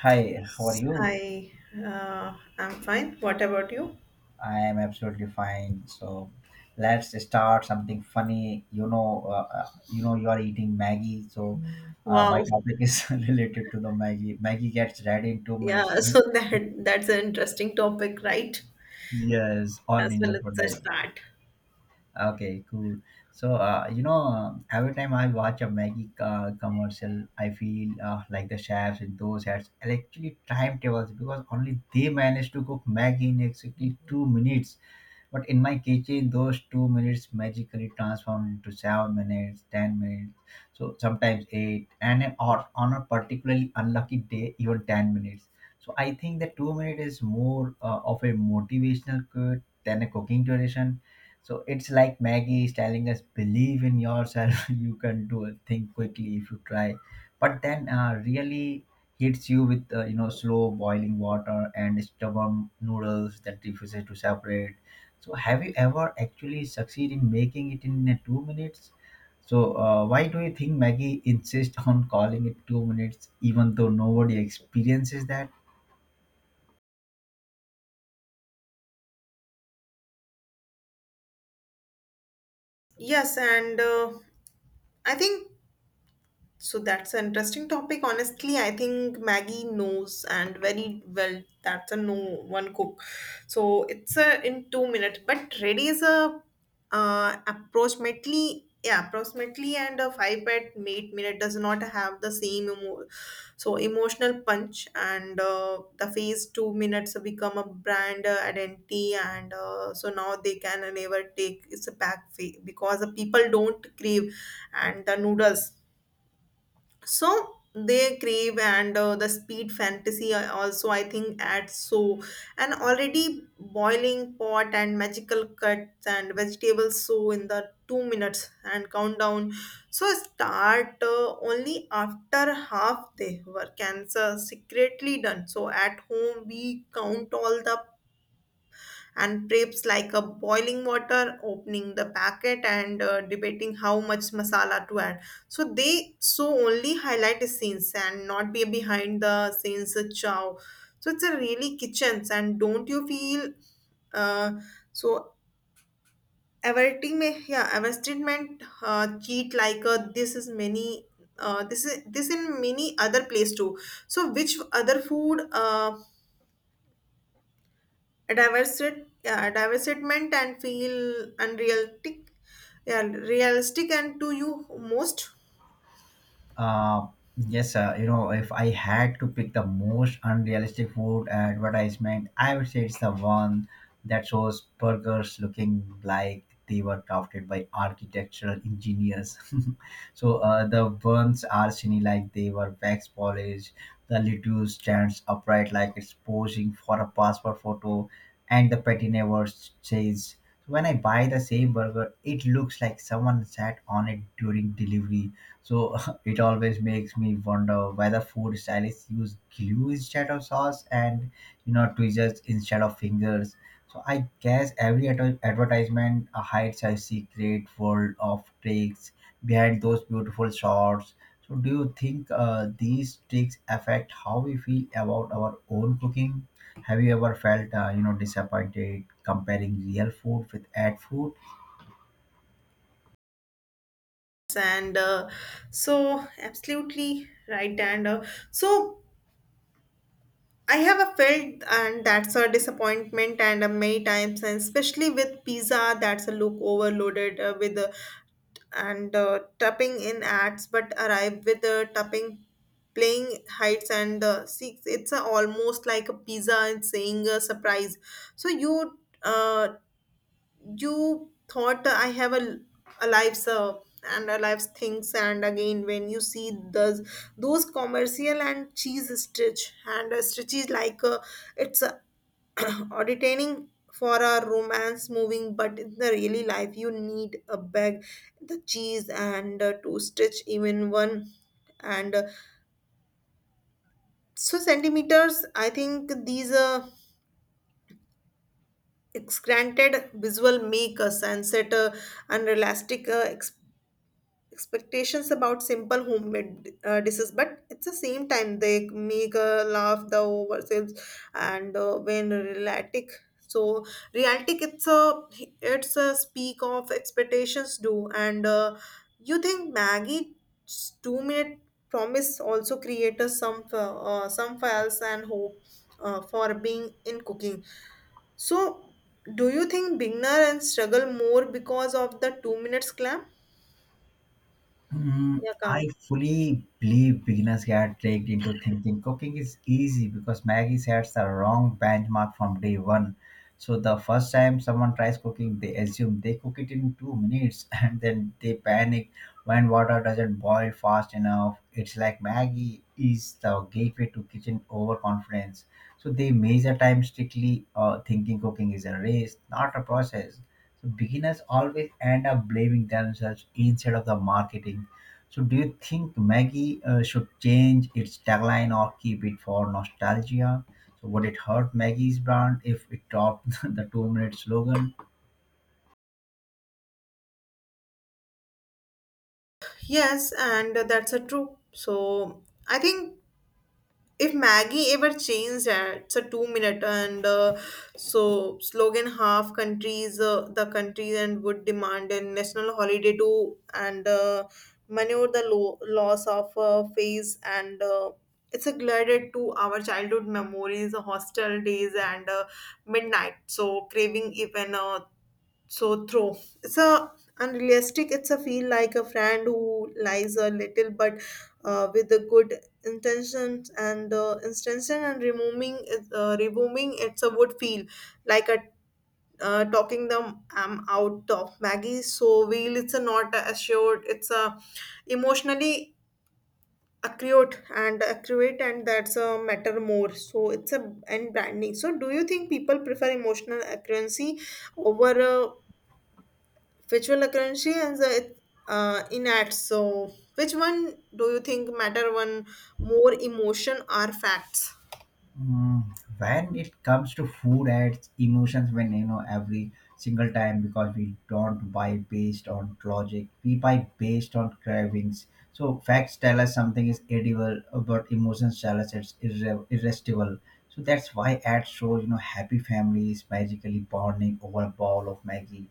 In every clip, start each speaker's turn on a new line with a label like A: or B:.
A: Hi, how are you?
B: Hi, I'm fine. What about you?
A: I am absolutely fine. So let's start something funny. You are eating Maggie. So my
B: Wow.
A: topic is related to the Maggie. Maggie gets ready in 2 minutes.
B: Yeah, so that's an interesting topic, right?
A: Yes, on
B: As
A: in
B: well as the
A: advertisement.
B: start.
A: Okay, cool. So every time I watch a Maggie commercial, I feel like the chefs in those ads are actually timetables because only they manage to cook Maggie in exactly 2 minutes. But in my kitchen, those 2 minutes magically transform into 7 minutes, 10 minutes, so sometimes eight, or on a particularly unlucky day, even 10 minutes. So I think the 2 minute is more of a motivational quote than a cooking tradition. So it's like Maggie is telling us, believe in yourself. You can do a thing quickly if you try. But then really hits you with slow boiling water and stubborn noodles that refuses to separate. So have you ever actually succeed in making it in 2 minutes? So why do you think Maggie insists on calling it 2 minutes, even though nobody experiences that?
B: Yes, and I think, so that's an interesting topic. Honestly, I think Maggie knows and very well that's a no one cook. So it's a in 2 minutes. But ready is a approximately, yeah, approximately, and a five at 8 minute does not have the same so emotional punch, and the phase 2 minutes become a brand identity, and so now they can never take it's a back phase because the people don't crave and the noodles, so they crave, and the speed fantasy also I think adds, so and already boiling pot and magical cuts and vegetables so in the 2 minutes and countdown, so start only after half they were cancer secretly done, so at home we count all the and drapes like a boiling water, opening the packet and debating how much masala to add. So they so only highlight the scenes and not be behind the scenes chow. So it's a really kitchens, and don't you feel uh, so advertisement yeah, advertisement, cheat like this is many, this is this in many other place too, so which other food yeah, divertisement and feel unrealistic, yeah, realistic and to you most,
A: Uh, yes, if I had to pick the most unrealistic food advertisement, I would say it's the one that shows burgers looking like they were crafted by architectural engineers. So the buns are shiny like they were wax polished. The lettuce stands upright like it's posing for a passport photo, and the patty never says. When I buy the same burger, it looks like someone sat on it during delivery. So it always makes me wonder whether food stylists use glue instead of sauce and, you know, tweezers instead of fingers. So I guess every advertisement hides a secret world of tricks behind those beautiful shots. So do you think these tricks affect how we feel about our own cooking? Have you ever felt disappointed comparing real food with ad food?
B: and absolutely right, and so I have a felt, and that's a disappointment, and many times, and especially with pizza that's a look overloaded with and tapping in ads but arrive with the tapping playing heights, and six it's a, almost like a pizza and saying a surprise, so you you thought I have a life sir, and a life things, and again when you see those those commercial, and cheese stitch and stitches like it's or detaining for a romance moving, but in the really life you need a bag the cheese and to stitch even one, and centimeters I think these granted visual make a sunset unrealistic expectations about simple homemade dishes, but at the same time they make laugh the ourselves, and when realistic, so realistic, it's a, it's a speak of expectations do, and you think maggie 2 minute promise also creates some files and hope, for being in cooking, so do you think beginner and struggle more because of the 2 minutes clam,
A: Mm,
B: yeah
A: I
B: come.
A: fully believe beginners get dragged into thinking cooking is easy because Maggie sets the wrong benchmark from day one. So the first time someone tries cooking, they assume they cook it in 2 minutes and then they panic when water doesn't boil fast enough. It's like Maggie is the gateway to kitchen overconfidence. So they measure time strictly, thinking cooking is a race, not a process. So beginners always end up blaming themselves instead of the marketing. So do you think Maggie should change its tagline or keep it for nostalgia? So would it hurt Maggie's brand if it dropped the two-minute slogan?
B: Yes, and that's a true. So I think if Maggie ever changed, it's a 2 minute, and slogan half countries, the countries and would demand a national holiday to, and maneuver the loss of phase and. It's a glided to our childhood memories, hostel days, and midnight. So craving even true. It's a unrealistic. It's a feel like a friend who lies a little, but with the good intentions, and intention, and removing it's a would feel like a talking them out of Maggie. So wheel. It's a not assured. It's a emotionally accurate and that's a matter more, so it's a and branding, so do you think people prefer emotional accuracy over virtual currency and the uh, in which one do you think matter one more, emotion or facts?
A: Mm, when it comes to food ads, emotions when you know, every single time, because we don't buy based on logic, we buy based on cravings. So facts tell us something is edible, but emotions tell us it's irresistible. So that's why ads show, you know, happy families magically bonding over a bowl of Maggie,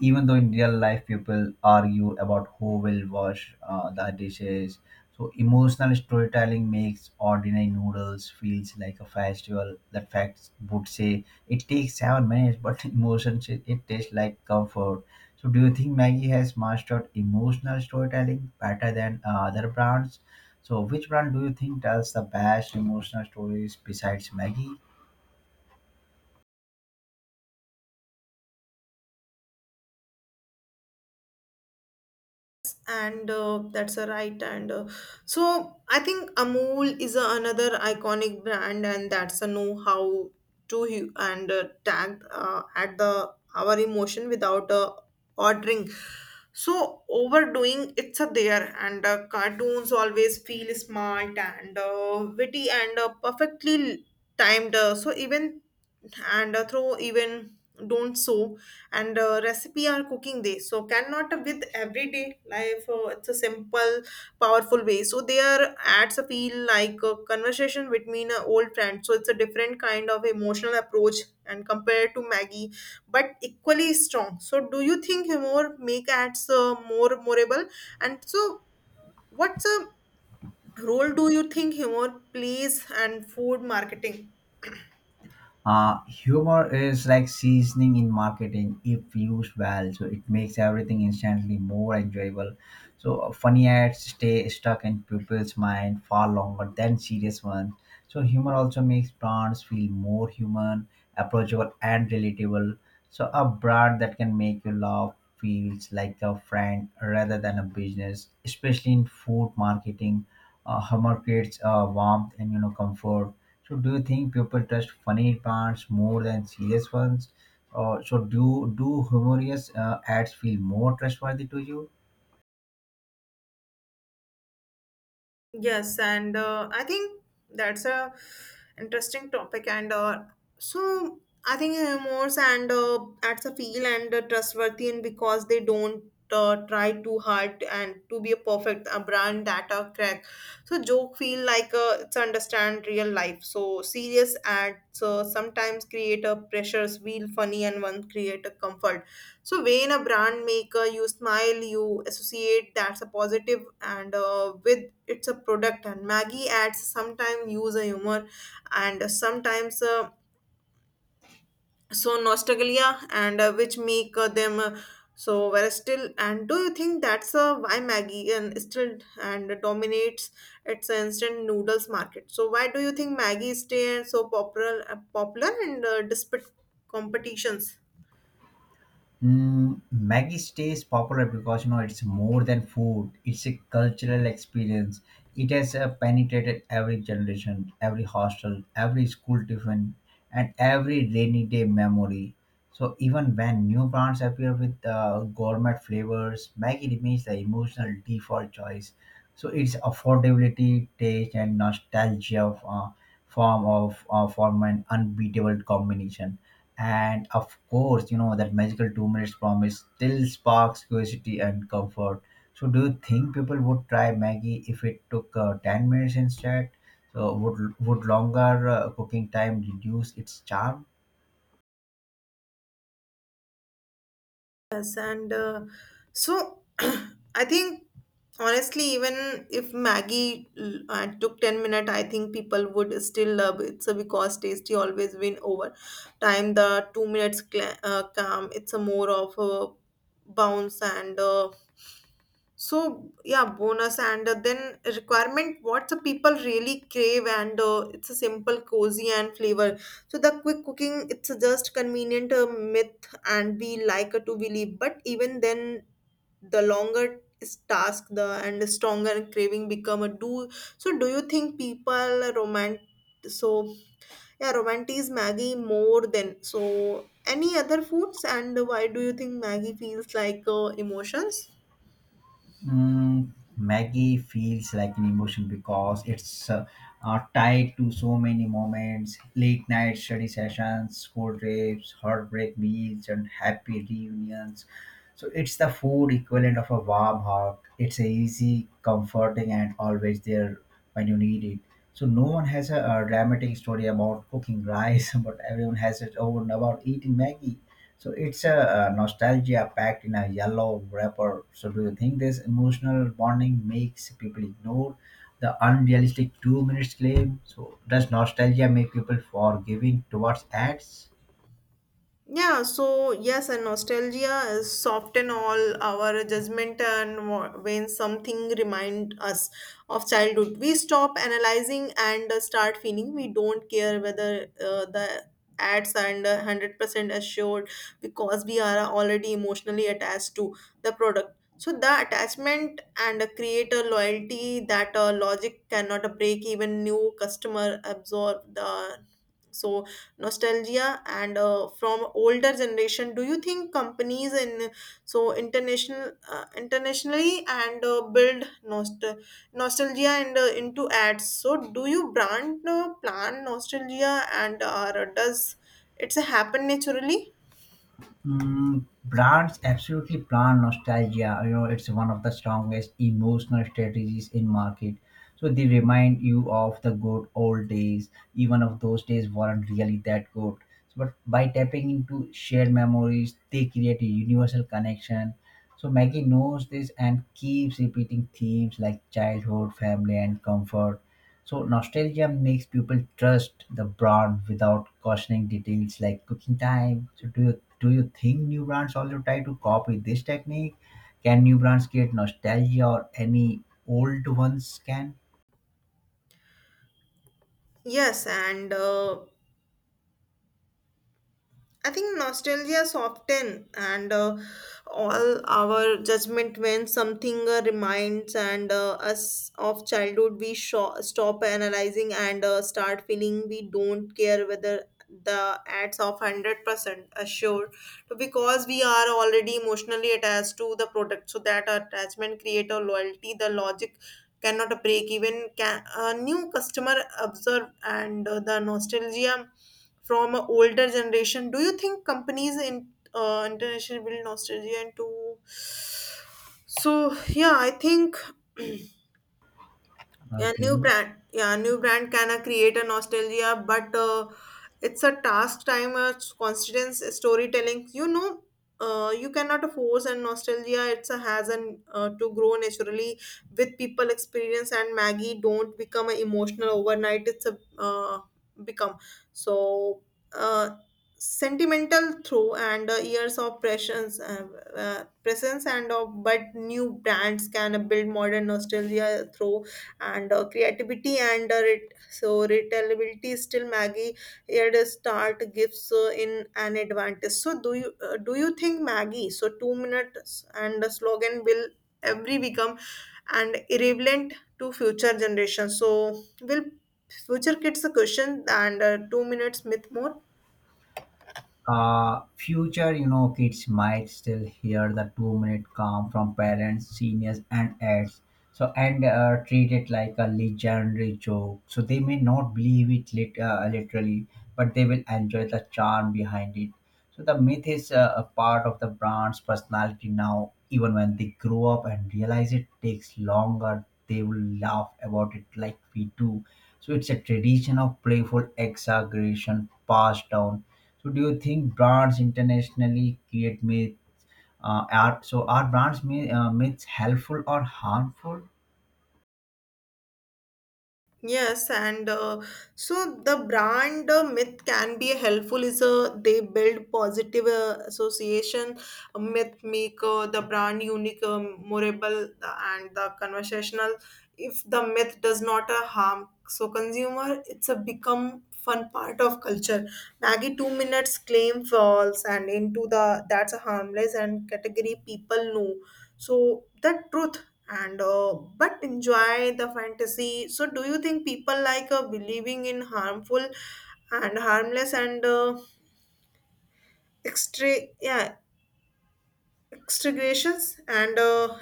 A: even though in real life people argue about who will wash the dishes. So emotional storytelling makes ordinary noodles feels like a festival. That facts would say it takes 7 minutes, but emotions says it tastes like comfort. So do you think Maggie has mastered emotional storytelling better than other brands? So which brand do you think tells the best emotional stories besides Maggie?
B: And that's a right, and so I think amul is a, another iconic brand, and that's a know how to and tag at the our emotion without ordering, so overdoing it's a there, and cartoons always feel smart and witty and perfectly timed so even, and throw even don't, so and recipe are cooking they so cannot with everyday life, it's a simple powerful way, so there adds a feel like a conversation between an old friend, so it's a different kind of emotional approach and compared to maggie, but equally strong, so do you think humor make ads more memorable, and so what's a role do you think humor plays and food marketing?
A: Humor is like seasoning in marketing if used well. So it makes everything instantly more enjoyable. So funny ads stay stuck in people's mind far longer than serious ones. So humor also makes brands feel more human, approachable, and relatable. So a brand that can make you laugh feels like a friend rather than a business, especially in food marketing. Humor creates warmth and, you know, comfort. So do you think people trust funny parts more than serious ones? Or so do humorous ads feel more trustworthy to you?
B: Yes, and I think that's a interesting topic. And so I think remorse, and that's a feel and trustworthy, and because they don't try too hard and to be a perfect a brand that a crack. So joke feel like it's understand real life. So serious ads sometimes create a pressures, feel funny, and one create a comfort, so when a brand maker, you smile, you associate that's a positive, and with it's a product. And Maggie adds sometimes use a humor, and sometimes nostalgia, and which make them very still. And do you think that's why Maggie and still and dominates its instant noodles market? So why do you think Maggie stay so popular, popular, and despite competitions?
A: Mm, Maggie stays popular because, you know, it's more than food. It's a cultural experience. It has penetrated every generation, every hostel, every school tiffin, and every rainy day memory. So even when new brands appear with gourmet flavors, Maggie remains the emotional default choice. So its affordability, taste, and nostalgia form an unbeatable combination, and of course, you know, that magical 2 minutes promise still sparks curiosity and comfort. So, do you think people would try Maggie if it took 10 minutes instead? So, would longer cooking time reduce its charm?
B: Yes, and so I think honestly, even if Maggie took 10 minutes, I think people would still love it. So because tasty always win over time, the 2 minutes cla calm, it's a more of a bounce, and yeah, bonus, and then requirement. What the people really crave, and it's a simple, cozy, and flavor. So the quick cooking, it's a just convenient myth, and we like to believe. But even then, the longer is task, the and the stronger craving become a do. So do you think people romantic? So yeah, romantic Maggie more than so any other foods, and why do you think Maggie feels like emotions?
A: Mm, Maggie feels like an emotion because it's tied to so many moments: late night study sessions, school trips, heartbreak meals, and happy reunions. So it's the food equivalent of a warm hug. It's a easy, comforting, and always there when you need it. So no one has a dramatic story about cooking rice, but everyone has its own about eating Maggie. So it's a nostalgia packed in a yellow wrapper. So do you think this emotional bonding makes people ignore the unrealistic 2 minutes claim? So does nostalgia make people forgiving towards ads?
B: Yeah, so yes, and nostalgia is soften all our judgment, and when something remind us of childhood, we stop analyzing and start feeling. We don't care whether the ads are under 100% assured because we are already emotionally attached to the product. So the attachment and create a loyalty that logic cannot break. Even new customer absorb the so nostalgia, and from older generation, do you think companies in international, internationally, and build nostalgia, and into ads, so do you brand plan nostalgia, and does it's happen naturally?
A: Mm, brands absolutely plan nostalgia. You know, it's one of the strongest emotional strategies in market. So they remind you of the good old days, even if those days weren't really that good. So, but by tapping into shared memories, they create a universal connection. So Maggie knows this and keeps repeating themes like childhood, family, and comfort. So nostalgia makes people trust the brand without questioning details like cooking time. So do you think new brands also try to copy this technique? Can new brands create nostalgia or any old ones can?
B: Yes, and I think nostalgia soften and all our judgment when something reminds, and us of childhood. We stop analyzing and start feeling, we don't care whether the ads of 100% assured because we are already emotionally attached to the product. So that attachment create a loyalty. The logic cannot break even. Can, a new customer observe and the nostalgia from a older generation, do you think companies in international will nostalgia into, so yeah, I think yeah, new
A: Okay.
B: brand. Yeah, new brand can create a nostalgia, but it's a task time, constant storytelling. You know, you cannot force and nostalgia. It's a has an to grow naturally with people experience, and Maggie don't become a emotional overnight. It's a become so uh, sentimental through, and years of presence, presence and of, but new brands can build modern nostalgia through and creativity and retailability still maggie at a start gives in an advantage, so do you do you think maggie so 2 minutes and the slogan will every become and irrelevant to future generations, so will future kids a question, and 2 minutes myth more?
A: Future, you know, kids might still hear the 2 minute calm from parents, seniors, and ads, so and treat it like a legendary joke. So they may not believe it literally, but they will enjoy the charm behind it. So the myth is a part of the brand's personality now. Even when they grow up and realize it takes longer, they will laugh about it like we do. So it's a tradition of playful exaggeration passed down. So do you think brands internationally create myth? Are so are brands myths helpful or harmful?
B: Yes, and so the brand myth can be helpful is they build positive association, myth make the brand unique, memorable, and the conversational. If the myth does not harm, so consumer, it's a become fun part of culture. Maggie 2 minutes claim false and into the that's a harmless and category people know so that truth, and but enjoy the fantasy, so do you think people like believing in harmful and harmless, and extra, yeah, extrications, and uh,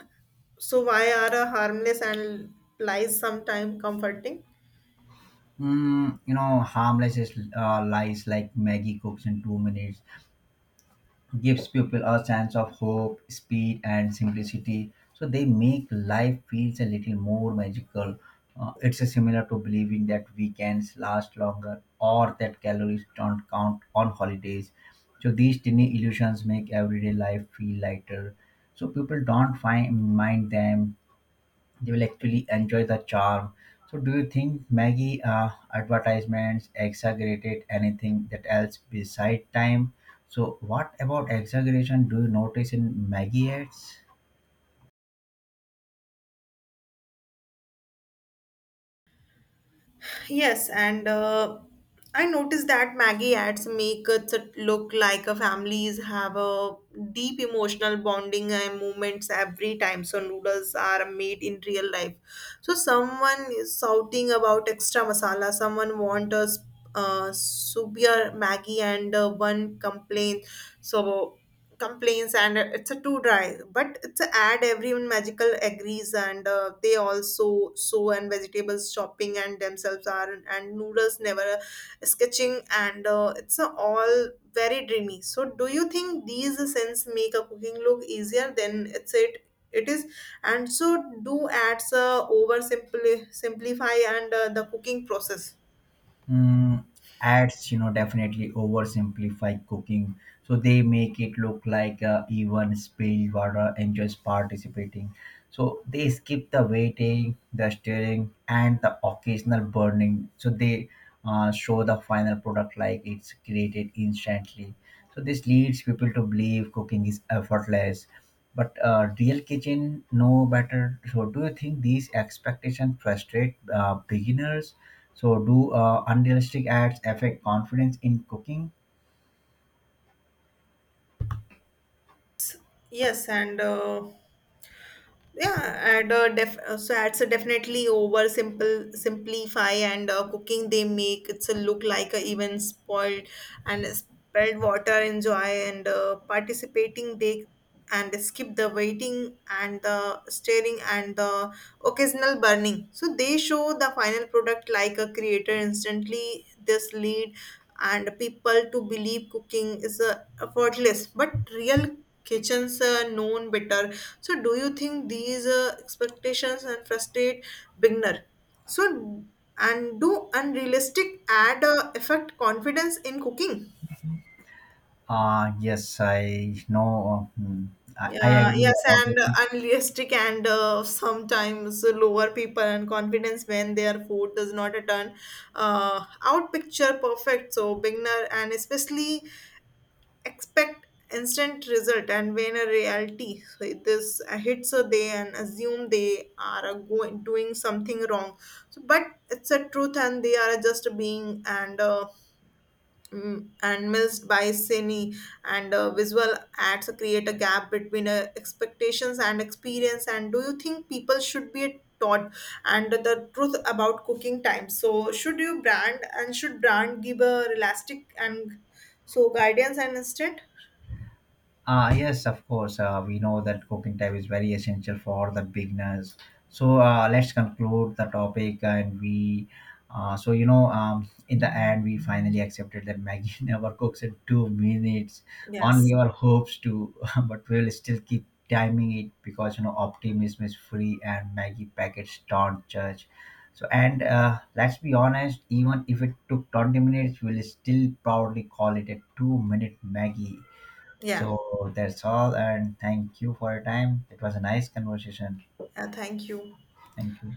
B: so why are harmless and lies sometimes comforting?
A: Mm, you know, harmless is, lies like Maggie cooks in 2 minutes gives people a sense of hope, speed, and simplicity. So they make life feels a little more magical. It's a similar to believing that weekends last longer or that calories don't count on holidays. So these tiny illusions make everyday life feel lighter. So people don't find mind them, they will actually enjoy the charm. So, do you think Maggie advertisements exaggerated anything that else beside time? So, what about exaggeration do you notice in Maggie ads?
B: Yes, and I noticed that Maggie ads make it look like a families have a deep emotional bonding and moments every time. So noodles are made in real life. So someone is shouting about extra masala. Someone wants a super Maggie, and one complains. So complaints and it's a too dry, but it's a ad everyone magical agrees, and they also sow and vegetables shopping and themselves are and noodles never sketching and it's a all very dreamy, so do you think these scents make a cooking look easier than it is, and so do ads over simply simplify and the cooking process?
A: Mm, ads, you know, definitely oversimplify cooking. So they make it look like even spilled water enjoys participating. So they skip the waiting, the stirring, and the occasional burning. So they show the final product like it's created instantly. So this leads people to believe cooking is effortless. But real kitchen know better. So do you think these expectations frustrate beginners? So, do unrealistic ads affect confidence in cooking?
B: Yes, and yeah, and def so it's a definitely over simple simplify and cooking, they make it's a look like a even spoiled and spilled water enjoy and participating, they and skip the waiting and the stirring and the occasional burning. So they show the final product like a creator instantly. This lead and people to believe cooking is effortless, but real kitchens are known better, so, do you think these expectations and frustrate beginner? So, and do unrealistic add affect confidence in cooking?
A: Yes, I know. I
B: Yeah,
A: agree
B: yes,
A: about it.
B: and unrealistic, and sometimes lower people and confidence when their food does not turn out picture perfect. So beginner and especially expect instant result, and when a reality so this hits a day and assume they are a going doing something wrong, so but it's a truth and they are just being, and mm, and missed by cine, and visual ads create a gap between expectations and experience, and do you think people should be taught and the truth about cooking time, so should you brand and should brand give a realistic, and guidance and instead?
A: Yes, of course. We know that cooking time is very essential for the beginners. So let's conclude the topic, and we. In the end, we finally accepted that Maggie never cooks in 2 minutes. Only
B: Yes.
A: our hopes to, but we'll still keep timing it because, you know, optimism is free, and Maggie packets don't judge. So and let's be honest, even if it took 20 minutes, we'll still proudly call it a two-minute Maggie.
B: Yeah.
A: So that's all, and thank you for your time. It was a nice conversation.
B: Thank you.
A: Thank you.